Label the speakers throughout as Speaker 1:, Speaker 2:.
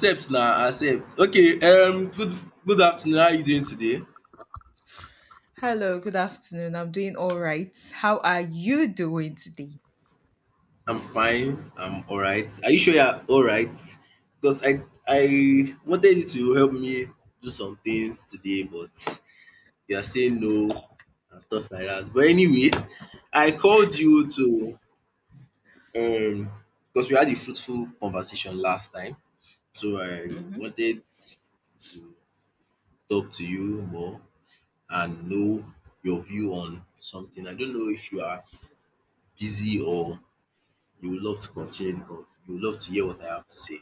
Speaker 1: Accept now. Accept. Okay, good afternoon, how are you doing today?
Speaker 2: Hello, good afternoon. I'm doing all right. How are you doing today?
Speaker 1: I'm fine, I'm alright. Are you sure you are alright? Because I wanted you to help me do some things today, but you are saying no and stuff like that. But anyway, I called you to, um because we had a fruitful conversation last time. So I
Speaker 2: Mm-hmm.
Speaker 1: wanted to talk to you more and know your view on something. I don't know if you are busy or you would love to continue the con you would love to hear what I have to say.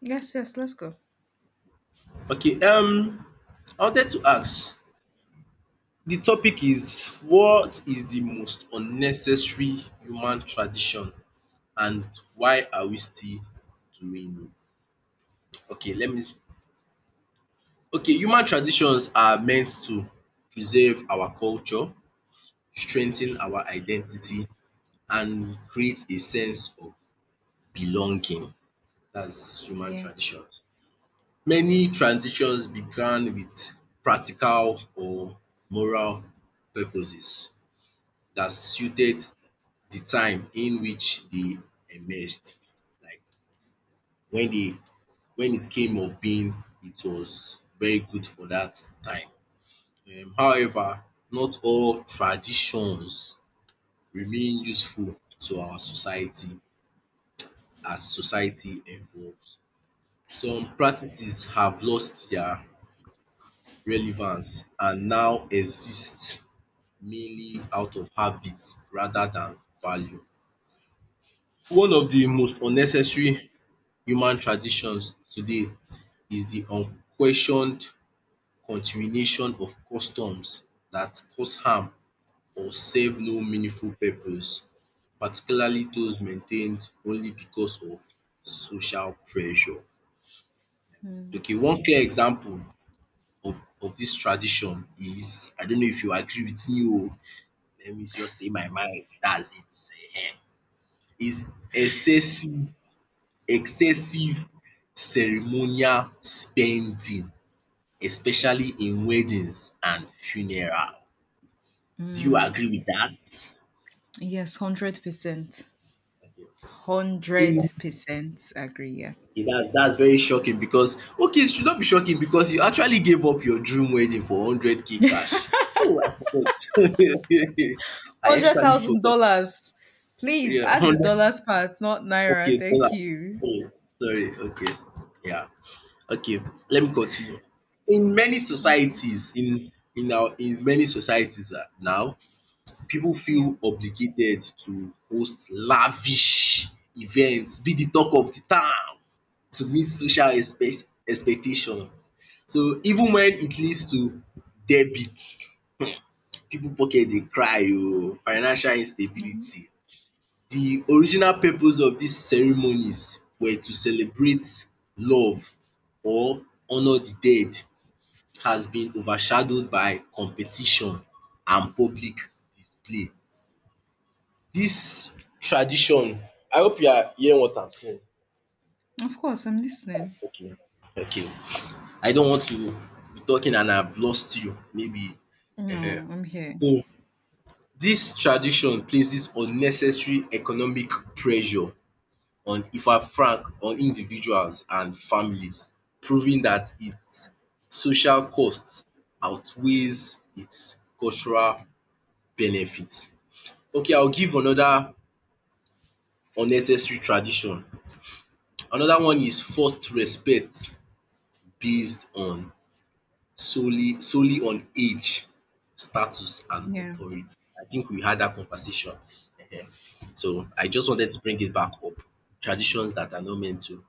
Speaker 2: Yes, yes, let's go.
Speaker 1: Okay, I wanted to ask, the topic is, what is the most unnecessary human tradition and why are we still doing it? Okay, let me okay, human traditions are meant to preserve our culture, strengthen our identity and create a sense of belonging. That's human
Speaker 2: Yeah.
Speaker 1: tradition. Many traditions began with practical or moral purposes that suited the time in which they emerged. Like when they when it came of being, it was very good for that time. However, not all traditions remain useful to our society as society evolves. Some practices have lost their relevance and now exist mainly out of habit rather than value. One of the most
Speaker 2: Mm.
Speaker 1: unnecessary human traditions today is the unquestioned continuation of customs that cause harm or serve no meaningful purpose, particularly those maintained only because of social pressure. Okay, one clear example of of this tradition is, I don't know if you agree with me, oh, let me just say my mind, dats it. is excessive excessive ceremonial spending, especially in weddings and funeral. Do you agree with that?
Speaker 2: Yes, 100%.
Speaker 1: In
Speaker 2: 100% agree. Yeah.
Speaker 1: Okay, that's dats very shocking, because okay, it should not be shocking because you actually gave up your dream wedding for 100K cash. Oh, I forgot. I actually forgot.
Speaker 2: $100,000. Please
Speaker 1: Yeah,
Speaker 2: add the
Speaker 1: hundred,
Speaker 2: dollars part, not Naira.
Speaker 1: okay, hold on.
Speaker 2: Thank you.
Speaker 1: Sorry, okay, yeah. Okay, let me continue. In many
Speaker 2: Thank you.
Speaker 1: societies in our in many societies, now, pipu
Speaker 2: Yeah.
Speaker 1: feel obligated to host lavish event, be the talk of the town to meet social expectations. So even when it leads to debit, pipu pocket dey cry oh, financial
Speaker 2: Hmm.
Speaker 1: instability. The original purpose of dis ceremonies were to celebrate love or honour the dead has been overshadowed by competition and public display. Dis tradition, I hope you are hearing what I'm saying.
Speaker 2: Of course, I'm listening.
Speaker 1: Okay, I don't want to be talking and I've lost you maybe um.
Speaker 2: No, I'm here.
Speaker 1: Dis tradition places unnecessary economic pressure on individuals and families, proving dat its social cost outweighs its cultural benefit. Okay, I will give another unnecessary tradition. Another one is forced respect based on solely on age, status and
Speaker 2: Yeah,
Speaker 1: authority. I think we had that conversation. Ehen. So I just wanted to bring it back up. Traditions that are not meant to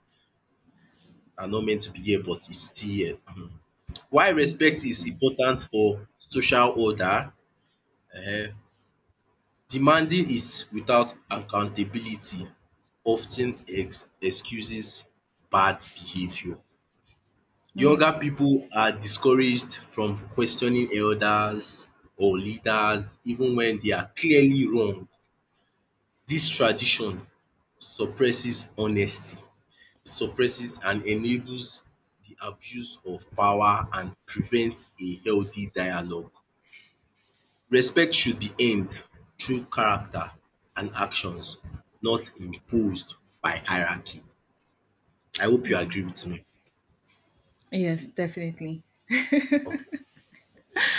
Speaker 1: are not meant to be here but is still here. Mhm. Why respect is
Speaker 2: existing.
Speaker 1: important for social order? um Demanding it without accountability often ex excuses bad behaviour. Younger people are discouraged from questioning elders or leaders even when they are clearly wrong. This tradition suppresses honesty, suppresses and enables the abuse of power and prevents a healthy dialogue. Respect should be earned through character and actions, not imposed by hierarchy. I hope you agree with me.
Speaker 2: Yes, definitely.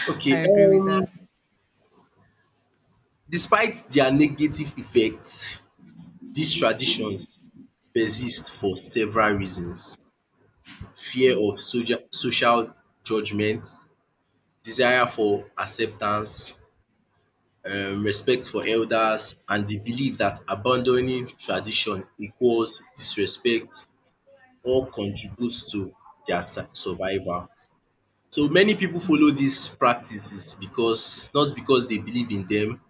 Speaker 1: Okay,
Speaker 2: I agree with that.
Speaker 1: despite their negative effects, these traditions persist for several reasons: fear of social judgment, desire for acceptance, respect for elders, and the belief that abandoning tradition equals disrespect or contributes to their survival. So many people follow these practices because not because they believe in them,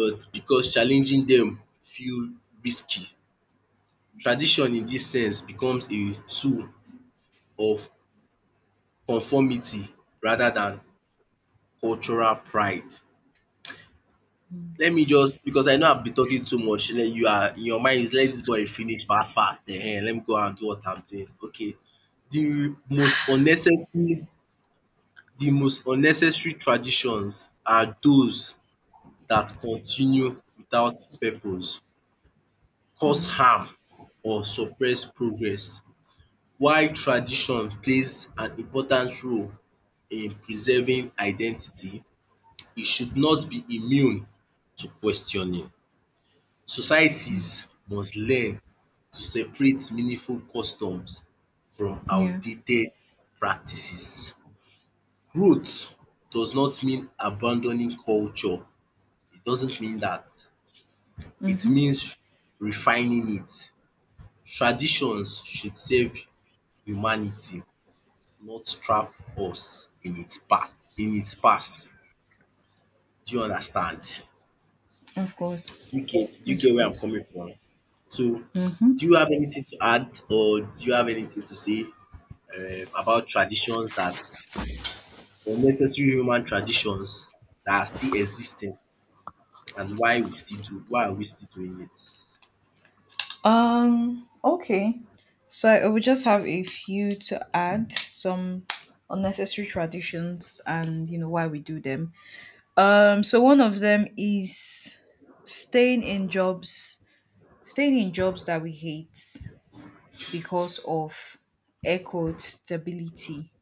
Speaker 1: but because challenging them feel risky. Tradition in this sense becomes a tool of conformity rather than cultural pride. Let me just, because I know I've been talking too much, then you are in your mind is let this boy finish fast fast, let me go and do what I'm doing. Okay, the most unnecessary the most unnecessary traditions are those that continue without purpose, cause harm or suppress progress. While tradition plays an important role in preserving identity, e should not be immune to questioning. Societies must learn to separate meaningful customs from
Speaker 2: Yeah.
Speaker 1: outdated practices. Growth does not mean abandoning culture. It doesn't mean that. It
Speaker 2: Mm-hmm.
Speaker 1: means refining it. Traditions should serve humanity, not trap us in its past. Do you understand?
Speaker 2: Of course.
Speaker 1: Do you get do you
Speaker 2: Of
Speaker 1: get where I'm
Speaker 2: course.
Speaker 1: coming from? So,
Speaker 2: Mm-hmm.
Speaker 1: do you have anything to add or do you have anything to say, about traditions that unnecessary human traditions that are still existing and why are we still doing it?
Speaker 2: Okay. So I would just have a few to add, some unnecessary traditions and you know why we do them. So one of them is staying in jobs, staying in jobs that we hate because of air quote stability.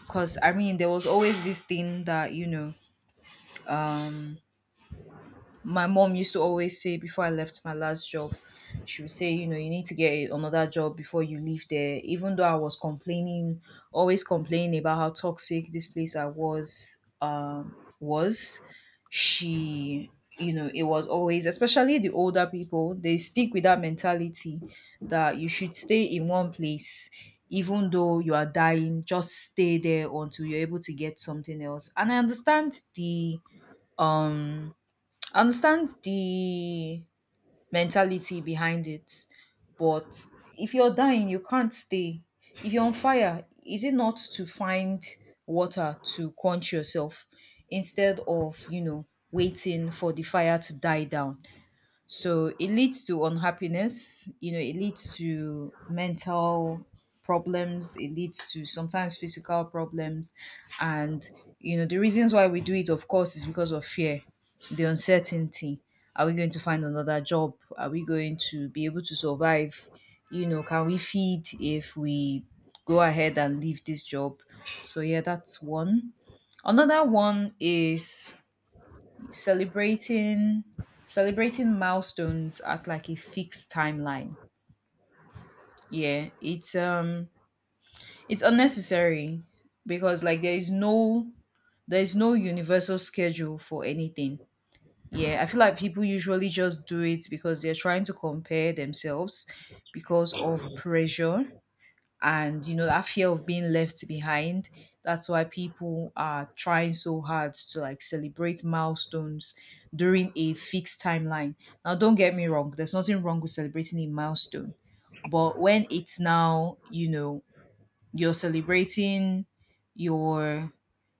Speaker 2: Because I mean, there was always this thing that you know my mom used to always say before I left my last job, she would say, you know, you need to get another job before you leave there. Even though I was complaining, always complaining about how toxic this place I was, she you know, it was always, especially the older people, they stick with that mentality that you should stay in one place, even though you are dying, just stay there until you're able to get something else. And um I understand the mentality behind it, but if you're dying, you can't stay. If you're on fire, is it not to find water to quench yourself instead of, you know, waiting for the fire to die down? So it leads to unhappiness, you know, it leads to mental problems, it leads to sometimes physical problems. And, you know, the reasons why we do it, of course, is because of fear, the uncertainty. Are we going to find another job? Are we going to be able to survive? You know, can we feed if we go ahead and leave this job? So, yeah, that's one. Another one is celebrating celebrating milestones at like a fixed timeline. Yeah, it's it's unnecessary because like there is no, there is no universal schedule for anything. Yeah, I feel like people usually just do it because they're trying to compare themselves, because of pressure, and you know, that fear of being left behind. That's why people are trying so hard to like celebrate milestones during a fixed timeline. Now don't get me wrong, there's nothing wrong with celebrating a milestone, but when it's now, you know, you're celebrating your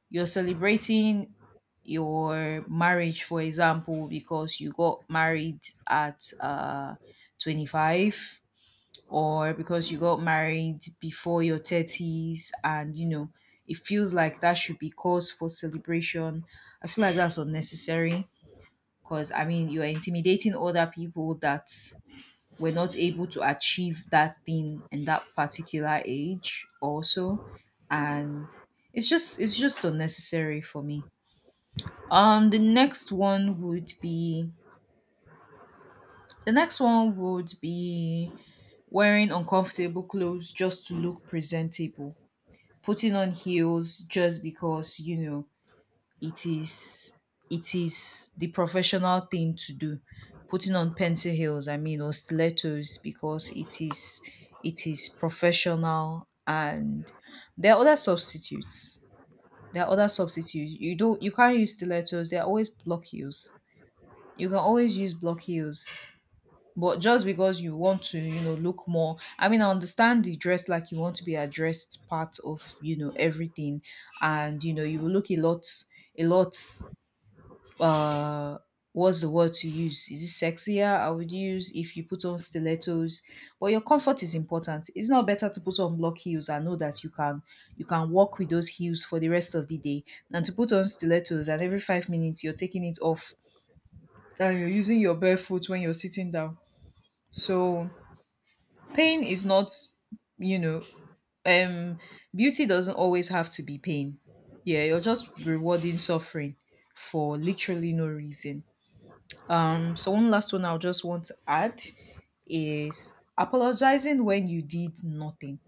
Speaker 2: you're celebrating your marriage, for example, because you got married at 25, or because you got married before your 30s, and you know, it feels like that should be cause for celebration. I feel like that's unnecessary because I mean, you're intimidating other people that were not able to achieve that thing in that particular age also, and it's just unnecessary for me. um the next one would be the next one would be wearing uncomfortable clothes just to look presentable, putting on heels just because you know, it is it is the professional thing to do, putting on pencil heels, I mean, or stilettos because it is professional. And there are other substitutes, you don't, you can't use stilettos. There are always block heels, you can always use block heels. But just because you want to, you know, look more, I mean, I understand the dress like you want to be addressed part of, you know, everything. And you know, you will look a lot uh what's the word to use, is it sexier, I would use, if you put on stilettos. But your comfort is important. It's not better to put on block heels and know that you can walk with those heels for the rest of the day than to put on stilettos, and every 5 minutes you're taking it off and you're using your bare foot when you're sitting down. So pain is not, you know, um, beauty doesn't always have to be pain. Yeah, you're just rewarding suffering for literally no reason. So one last one I'll just want to add is apologizing when you did nothing.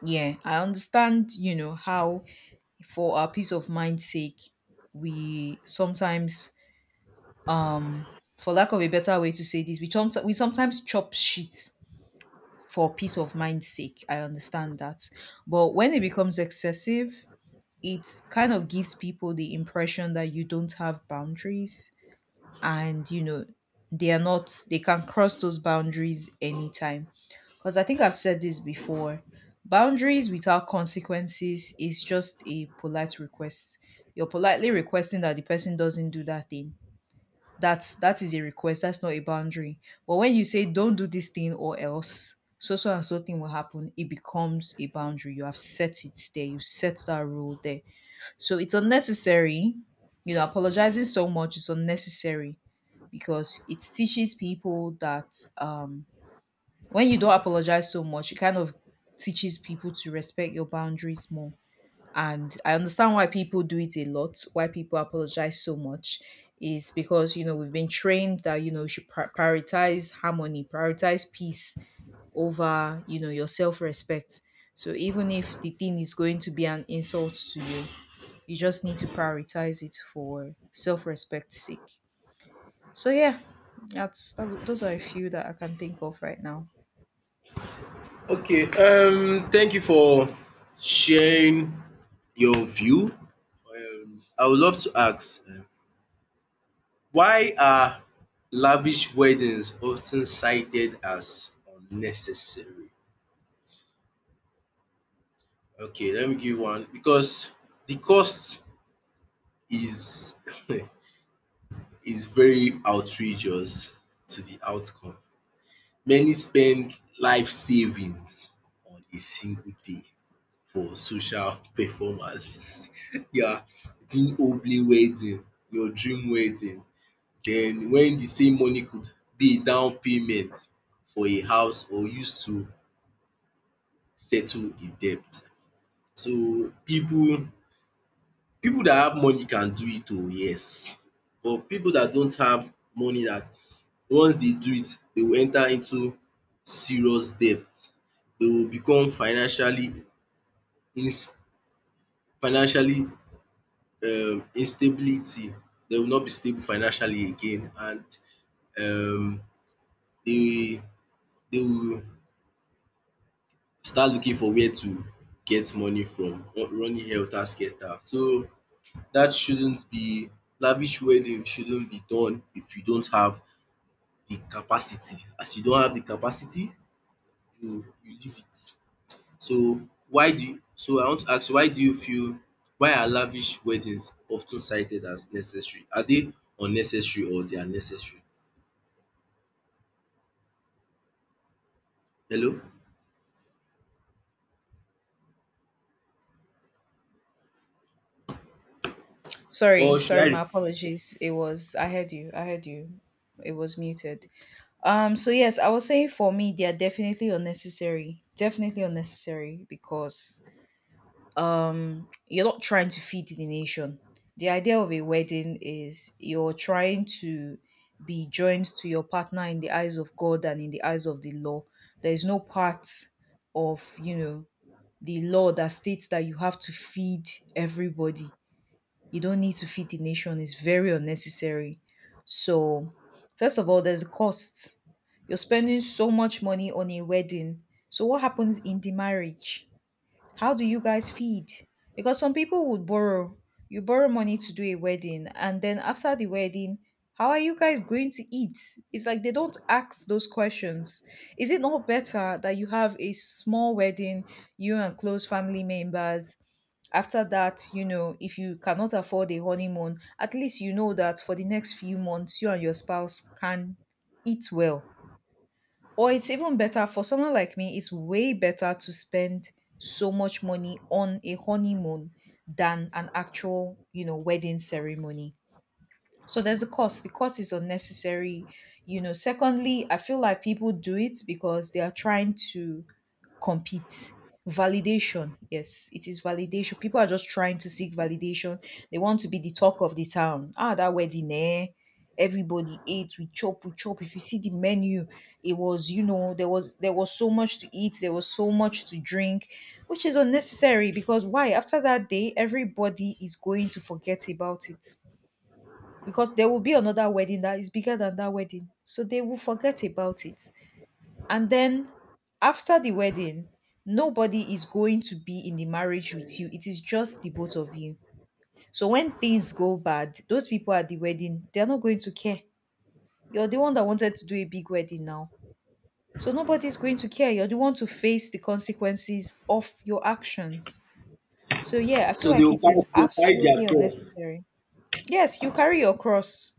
Speaker 2: Yeah, I understand, you know, how for our peace of mind's sake, we sometimes um for lack of a better way to say this, we sometimes chop shit for peace of mind's sake. I understand that. But when it becomes excessive, it kind of gives people the impression that you don't have boundaries and, you know, they are not, they can cross those boundaries anytime. Because I think I've said this before, boundaries without consequences is just a polite request. You're politely requesting that the person doesn't do that thing. That's, that is a request, that's not a boundary. But when you say don't do this thing, or else so so and so thing will happen, it becomes a boundary. You have set it there, you set that rule there. So it's unnecessary. You know, apologizing so much is unnecessary because it teaches people that, um when you don't apologize so much, it kind of teaches people to respect your boundaries more. And I understand why people do it a lot, why people apologize so much, is because you know we've been trained that you know you should prioritize harmony, prioritize peace over, you know, your self-respect. So even if the thing is going to be an insult to you, you just need to prioritize it for self-respect's sake. So yeah, that's those are a few that I can think of right now.
Speaker 1: Okay, thank you for sharing your view. I would love to ask, why are lavish weddings often cited as unnecessary? Okay, let me give one, because the cost is is very outrageous to the outcome. Many spend life savings on a single day for social performance. Yeah, are doing homely wedding, your dream wedding, then when the same money could be a down payment for a house or used to settle a debt. So people that have money can do it oh yes, but people that don't have money, that once they do it they will enter into serious debt. They will become financially ins financially instability. They will not be stable financially again, and um they they will start looking for where to get money from, running helter skelter. So that shouldn't be, lavish wedding shouldn't be done if you don't have the capacity. As you don't have the capacity, you leave it. So why do you so I want to ask you, why do you feel why are lavish weddings often cited as necessary? Are they unnecessary or they are necessary? Hello?
Speaker 2: sorry
Speaker 1: Or should I
Speaker 2: sorry my
Speaker 1: repeat myself?
Speaker 2: apologies, it was I heard you, I heard you. It was muted. So yes, I would say for me they are definitely unnecessary. Definitely unnecessary because you're not trying to feed the nation. The idea of a wedding is you're trying to be joined to your partner in the eyes of God and in the eyes of the law. There is no part of, you know, the law that states that you have to feed everybody. You don't need to feed the nation. It's very unnecessary. So, first of all, there's a cost. You're spending so much money on a wedding. So, what happens in the marriage? How do you guys feed? Because some people would borrow. You borrow money to do a wedding, and then after the wedding, how are you guys going to eat? It's like they don't ask those questions. Is it not better that you have a small wedding, you and close family members? After that, you know, if you cannot afford a honeymoon, at least you know that for the next few months, you and your spouse can eat well. Or it's even better for someone like me, it's way better to spend so much money on a honeymoon than an actual, you know, wedding ceremony. So there's a cost. The cost is unnecessary. You know, secondly, I feel like people do it because they are trying to compete. Validation. Yes, it is validation. People are just trying to seek validation. They want to be the talk of the town. Ah, that wedding, eh? Everybody ate, we chop, we chop. If you see the menu, it was, you know, there was so much to eat, there was so much to drink, which is unnecessary because why? After that day, everybody is going to forget about it because there will be another wedding that is bigger than that wedding. So they will forget about it. And then after the wedding, nobody is going to be in the marriage with you. It is just the both of you. So when things go bad, those people at the wedding, they're not going to care. You're the one that wanted to do a big wedding now. So nobody's going to care. You're the one to face the consequences of your actions. So yeah, I feel
Speaker 1: So they
Speaker 2: like
Speaker 1: will
Speaker 2: it
Speaker 1: carry
Speaker 2: is
Speaker 1: they will carry their
Speaker 2: absolutely
Speaker 1: cross.
Speaker 2: unnecessary. Yes, you carry your cross.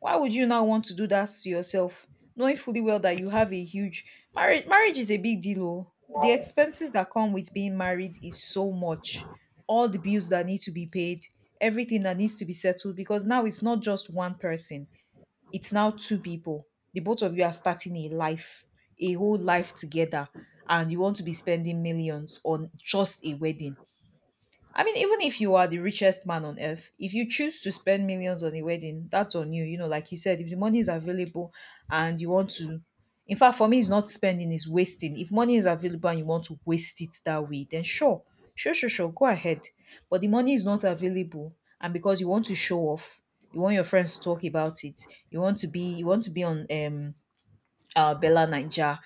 Speaker 2: Why would you now want to do that to yourself, knowing fully well that you have a huge marriage? Marriage is a big deal. Oh. The expenses that come with being married is so much. All the bills that need to be paid, everything that needs to be settled, because now it's not just one person, it's now two people. The both of you are starting a life, a whole life together, and you want to be spending millions on just a wedding. I mean, even if you are the richest man on earth, if you choose to spend millions on a wedding, that's on you. You know, like you said, if the money is available and you want to, in fact, for me, it's not spending, it's wasting. If money is available and you want to waste it that way, then sure, sure, go ahead. But the money is not available, and because you want to show off, you want your friends to talk about it, you want to be on Bella Ninja,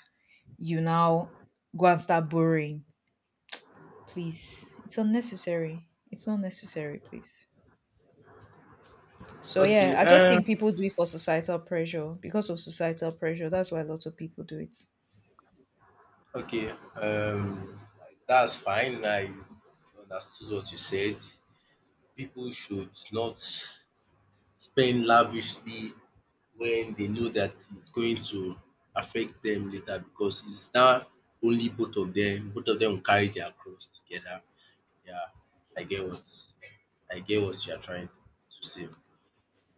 Speaker 2: you now go and start borrowing. Please. It's unnecessary. It's not necessary, please. So yeah,
Speaker 1: Okay,
Speaker 2: I just think people do it for societal pressure. Because of societal pressure, that's why a lot of people do it.
Speaker 1: okay, um that's fine. I understood what you said. People should not spend lavishly when they know that it's going to affect them later, because it's now only both of them will carry their cross together. Yeah, I get what I get what you are trying to say.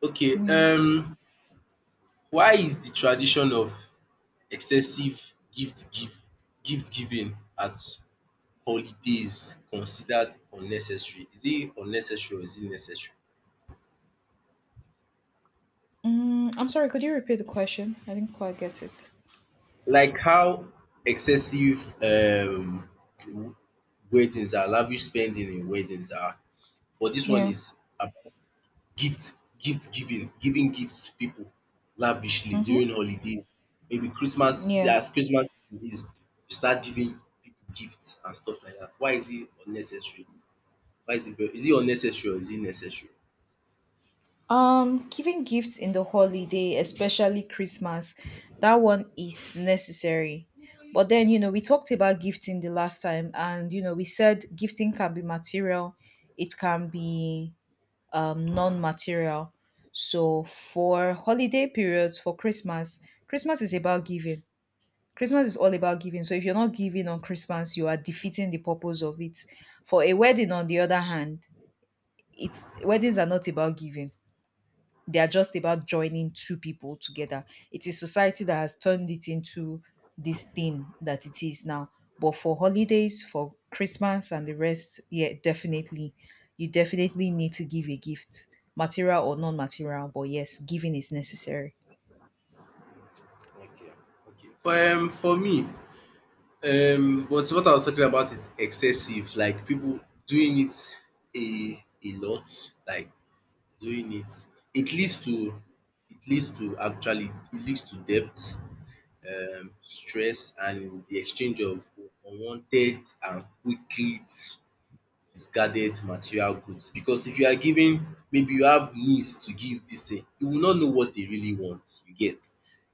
Speaker 1: Okay,
Speaker 2: Yeah.
Speaker 1: why is the tradition of excessive gift give gift giving at holidays considered unnecessary? Is it unnecessary or is it necessary?
Speaker 2: I'm sorry, could you repeat the question? I didn't quite get it.
Speaker 1: Like how excessive w- weddings are, lavish spending in weddings are. But this one
Speaker 2: Yeah.
Speaker 1: is about gift, gift giving, giving gifts to people lavishly
Speaker 2: Mm-hmm.
Speaker 1: during holidays. Maybe Christmas,
Speaker 2: Yeah.
Speaker 1: as Christmas is, you start giving people gifts and stuff like that. Why is it unnecessary? Why is it very, is it unnecessary or is it necessary?
Speaker 2: Giving gifts in the holiday, especially Christmas, that one is necessary. But then, we talked about gifting the last time, and, we said gifting can be material, it can be non-material. So for holiday periods, for Christmas, Christmas is about giving. Christmas is all about giving. So if you're not giving on Christmas, you are defeating the purpose of it. For a wedding, on the other hand, it's weddings are not about giving. They are just about joining two people together. It is society that has turned it into this thing that it is now. But for holidays, for Christmas and the rest, yeah, definitely. You definitely need to give a gift, material or non material, but yes, giving is necessary.
Speaker 1: Okay, okay. For me, but what I was talking about is excessive, like people doing it a lot, like doing it. It leads to it leads to actually It leads to debt, stress and the exchange of unwanted and quick leads discarded material goods, because if you are giving, maybe you have needs to give this thing, you will not know what they really want, you get,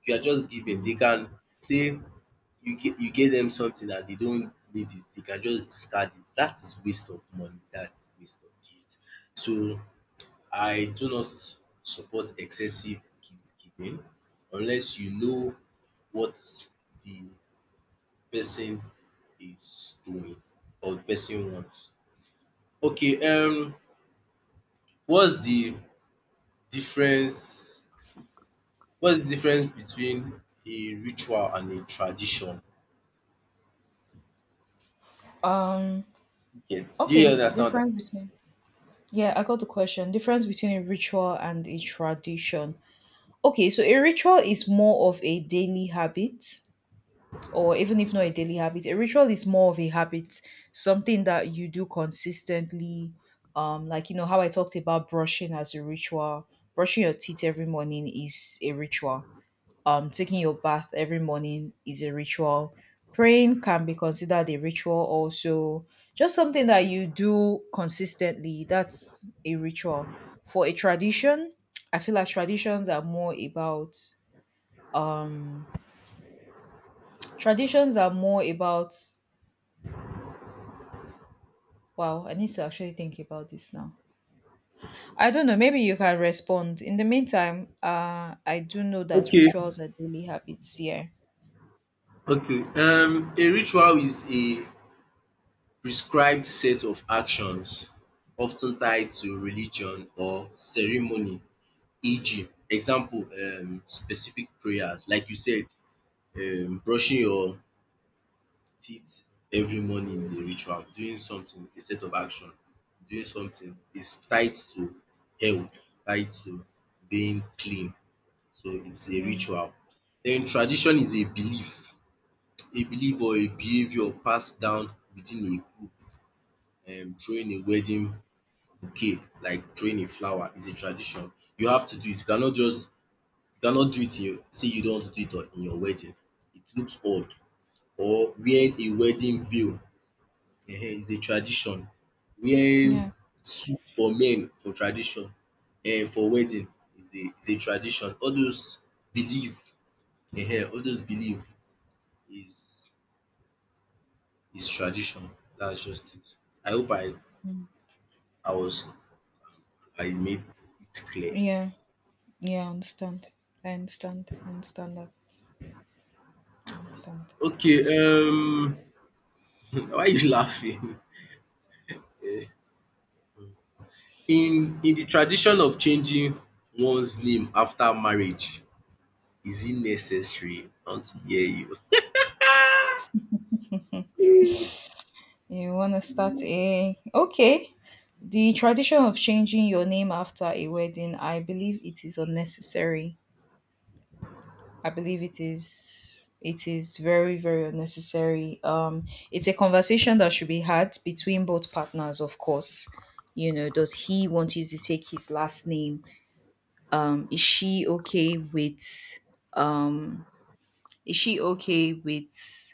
Speaker 1: you are just giving, they can say, you get, you get them something and they don't need it, they can just discard it, that is waste of money, that is waste of gift. So I do not support excessive gift giving unless you know what the person is doing or the person wants. Okay, What's the difference what's the difference between a ritual and a tradition?
Speaker 2: Um.
Speaker 1: You get? Do you
Speaker 2: Okay.
Speaker 1: understand what I'm.
Speaker 2: Difference between. Yeah, I got the question. Difference between a ritual and a tradition. Okay, so a ritual is more of a daily habit, or even if not a daily habit, a ritual is more of a habit, something that you do consistently. Like you know how I talked about brushing as a ritual. Brushing your teeth every morning is a ritual. Taking your bath every morning is a ritual. Praying can be considered a ritual also. Just something that you do consistently, that's a ritual. For a tradition, I feel like traditions are more about, um traditions are more about wow, I need to actually think about this now. I don't know, maybe you can respond. In the meantime, I do know that
Speaker 1: Okay,
Speaker 2: rituals are daily habits. Yeah.
Speaker 1: okay. A ritual is a prescribed set of actions often tied to religion or ceremony, e.g. example specific prayers, like you said, brushing your teeth every morning is a ritual. Doing something, a set of action, doing something is tied to health, tied to being clean. So it's a
Speaker 2: Mm,
Speaker 1: ritual. Then tradition is a belief or a behavior passed down within a group. Throwing a wedding bouquet, like throwing a flower is a tradition. You have to do it. You cannot do it in your, say you don't want to do it on in your wedding. It looks odd. Or wearing a wedding veil, Ehen, is a tradition. Wearing
Speaker 2: yeah.
Speaker 1: suit for men for tradition, for wedding is a tradition. Belief all those belief is is tradition. That's just it. I hope
Speaker 2: Mm,
Speaker 1: I was I made it clear.
Speaker 2: yeah. Yeah, I understand. I understand. I understand that. I understand.
Speaker 1: Okay, why you laughing? Eh, In the tradition of changing one's name after marriage, is it necessary? I want to hear you.
Speaker 2: You want to start a. Okay. The tradition of changing your name after a wedding, I believe it is unnecessary. I believe it is very very unnecessary. It's a conversation that should be had between both partners, of course. You know, does he want you to take his last name? Is she okay with um is she okay with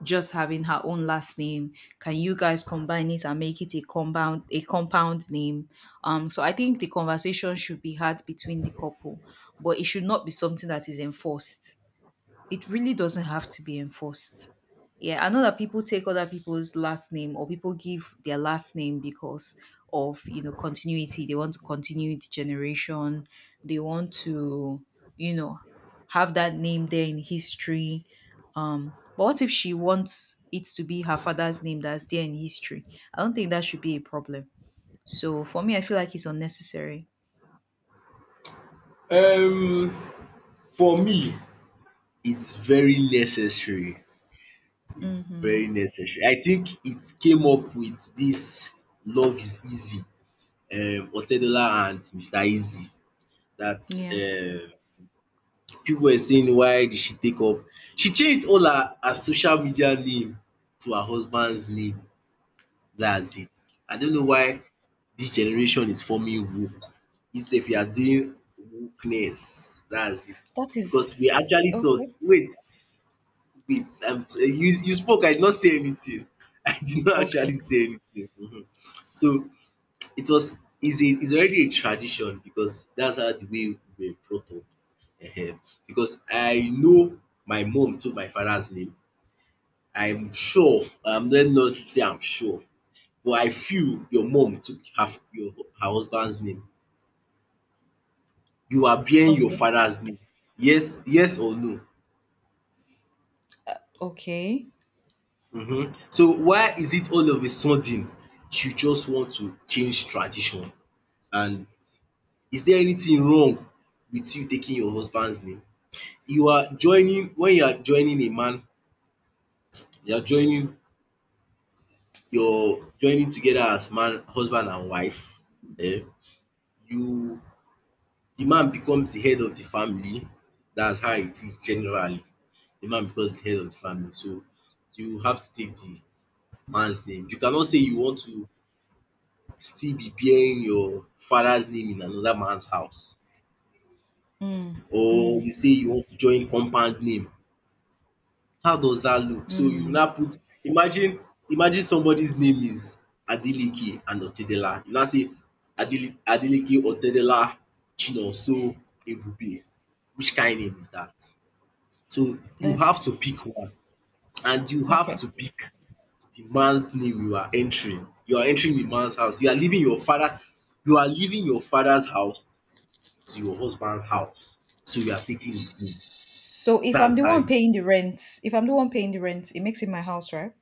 Speaker 2: just having her own last name? Can you guys combine it and make it a compound name? So I think the conversation should be had between the couple, but it should not be something that is enforced. It really doesn't have to be enforced. Yeah, I know that people take other people's last name or people give their last name because of, continuity. They want to continue the generation. They want to, you know, have that name there in history. But what if she wants it to be her father's name that's there in history? I don't think that should be a problem. So for me, I feel like it's unnecessary.
Speaker 1: Um for me, it's very necessary, it's
Speaker 2: Mm-hmm.
Speaker 1: very necessary. I think it came up with this Love Is Easy, Otedola and Mr. Easy, that
Speaker 2: Yeah.
Speaker 1: um people were saying, why did she take up she changed all her social media name to her husband's name, that's it. I don't know why this generation is forming woke. It's if you are doing wokeness, that's it.
Speaker 2: That
Speaker 1: Because we
Speaker 2: is
Speaker 1: actually thought
Speaker 2: okay.
Speaker 1: wait Wait, Um. You spoke, I did not say anything. I did not actually
Speaker 2: Okay.
Speaker 1: say anything. Mhm. So it was is a is already a tradition, because that's how the way we were brought up. Ehen. Because I know my mom took my father's name. I'm sure, I'm not say I'm sure, but I feel your mom took her husband's name. You are bearing your
Speaker 2: Okay.
Speaker 1: father's name. Yes, yes or no?
Speaker 2: Okay.
Speaker 1: Mhm. So why is it all of a sudden you just want to change tradition, and is there anything wrong with you taking your husband's name? You are joining, when you are joining a man, you are joining, your joining together as man, husband and wife, um you the man becomes the head of the family, that's how it is generally, the man becomes the head of the family, so you have to take the man's name. You cannot say you want to still be bearing your father's name in another man's house,
Speaker 2: Mm, mm,
Speaker 1: or you say you want to join compound name. How does that look? So you now
Speaker 2: mm.
Speaker 1: put, imagine imagine somebody's name is Adeleke and Otedela, you now say Adele Adeleke Otedela Chinonso Ebube. Which kind name is that? So you have
Speaker 2: That's
Speaker 1: to pick one, and you have
Speaker 2: okay.
Speaker 1: to pick the man's name you are entering. You are entering the man's house. You are leaving your father you are leaving your father's house to your husband's house. So you are taking it in.
Speaker 2: So if I'm
Speaker 1: That's
Speaker 2: the one
Speaker 1: how
Speaker 2: paying the rent, if I'm the one paying the rent, it makes it my house, right?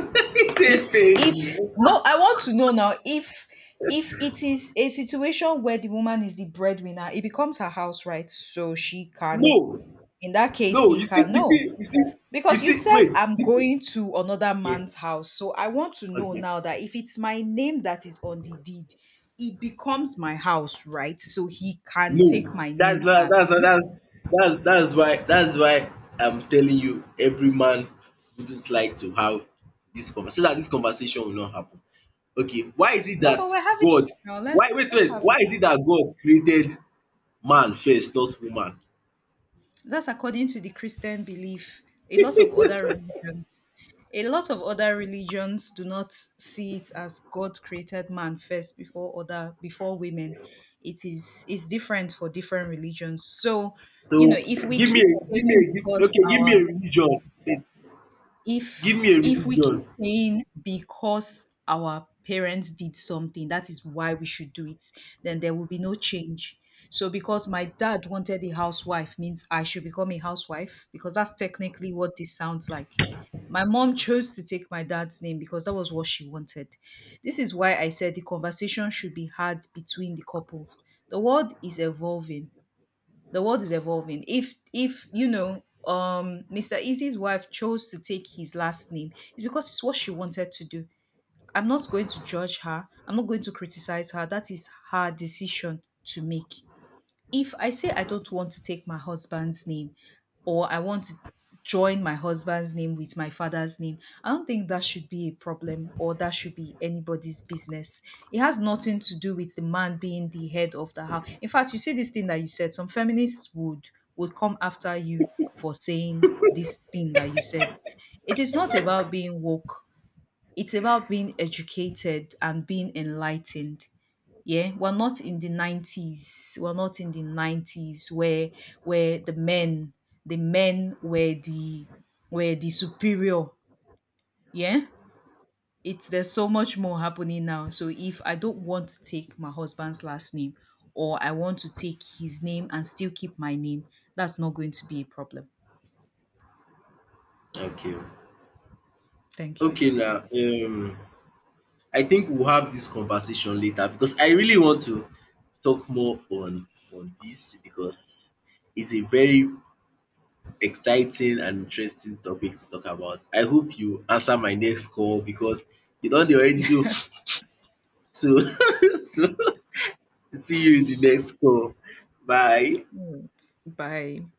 Speaker 1: it
Speaker 2: If
Speaker 1: Say
Speaker 2: if
Speaker 1: page.
Speaker 2: no, I want to know now if it is a situation where the woman is the breadwinner, it becomes her house, right? So she can,
Speaker 1: No,
Speaker 2: in that case
Speaker 1: no, you
Speaker 2: he
Speaker 1: see,
Speaker 2: can.
Speaker 1: you
Speaker 2: No.
Speaker 1: see, you see, you
Speaker 2: Because you
Speaker 1: see,
Speaker 2: said
Speaker 1: wait,
Speaker 2: I'm
Speaker 1: you see.
Speaker 2: going to another
Speaker 1: Okay,
Speaker 2: man's house. So I want to know
Speaker 1: okay.
Speaker 2: now that if it's my name that is on the deed, it becomes my house, right? So he can
Speaker 1: No,
Speaker 2: take my
Speaker 1: That's
Speaker 2: name,
Speaker 1: not that's not
Speaker 2: Abby.
Speaker 1: that's that's why I'm telling you, every man wouldn't like to have this conversation. So that this conversation will not happen. Okay,
Speaker 2: No, but we're having
Speaker 1: God
Speaker 2: now. Let's let's have
Speaker 1: why
Speaker 2: it.
Speaker 1: is it that God created man first, not woman?
Speaker 2: That's according to the Christian belief. A lot of other religions, do not see it as God created man first before women. It's different for different religions. So, you
Speaker 1: So
Speaker 2: know, if we keep saying because
Speaker 1: give me a
Speaker 2: our
Speaker 1: religion. Eh, give me a
Speaker 2: if we keep
Speaker 1: religion.
Speaker 2: saying because our parents did something, that is why we should do it, then there will be no change. So because my dad wanted a housewife means I should become a housewife because that's technically what this sounds like. My mom chose to take my dad's name because that was what she wanted. This is why I said the conversation should be had between the couples. The world is evolving. The world is evolving. If Mr. Easy's wife chose to take his last name, it's because it's what she wanted to do. I'm not going to judge her. I'm not going to criticize her. That is her decision to make. If I say I don't want to take my husband's name or I want to join my husband's name with my father's name, I don't think that should be a problem or that should be anybody's business. It has nothing to do with the man being the head of the house. In fact, you see this thing that you said, some feminists would come after you for saying this thing that you said. It is not about being woke. It's about being educated and being enlightened. Yeah, we're not in the 90s. We're not in the 90s where where the men the men were the superior. Yeah? It's There's so much more happening now. So if I don't want to take my husband's last name or I want to take his name and still keep my name, that's not going to be a problem.
Speaker 1: Okay.
Speaker 2: Thank you.
Speaker 1: Okay now. I think we'll have this conversation later because I really want to talk more on this, because it's a very exciting and interesting topic to talk about. I hope you answer my next call, because you don't already do so, so see you in the next call. Bye.
Speaker 2: All right. Bye.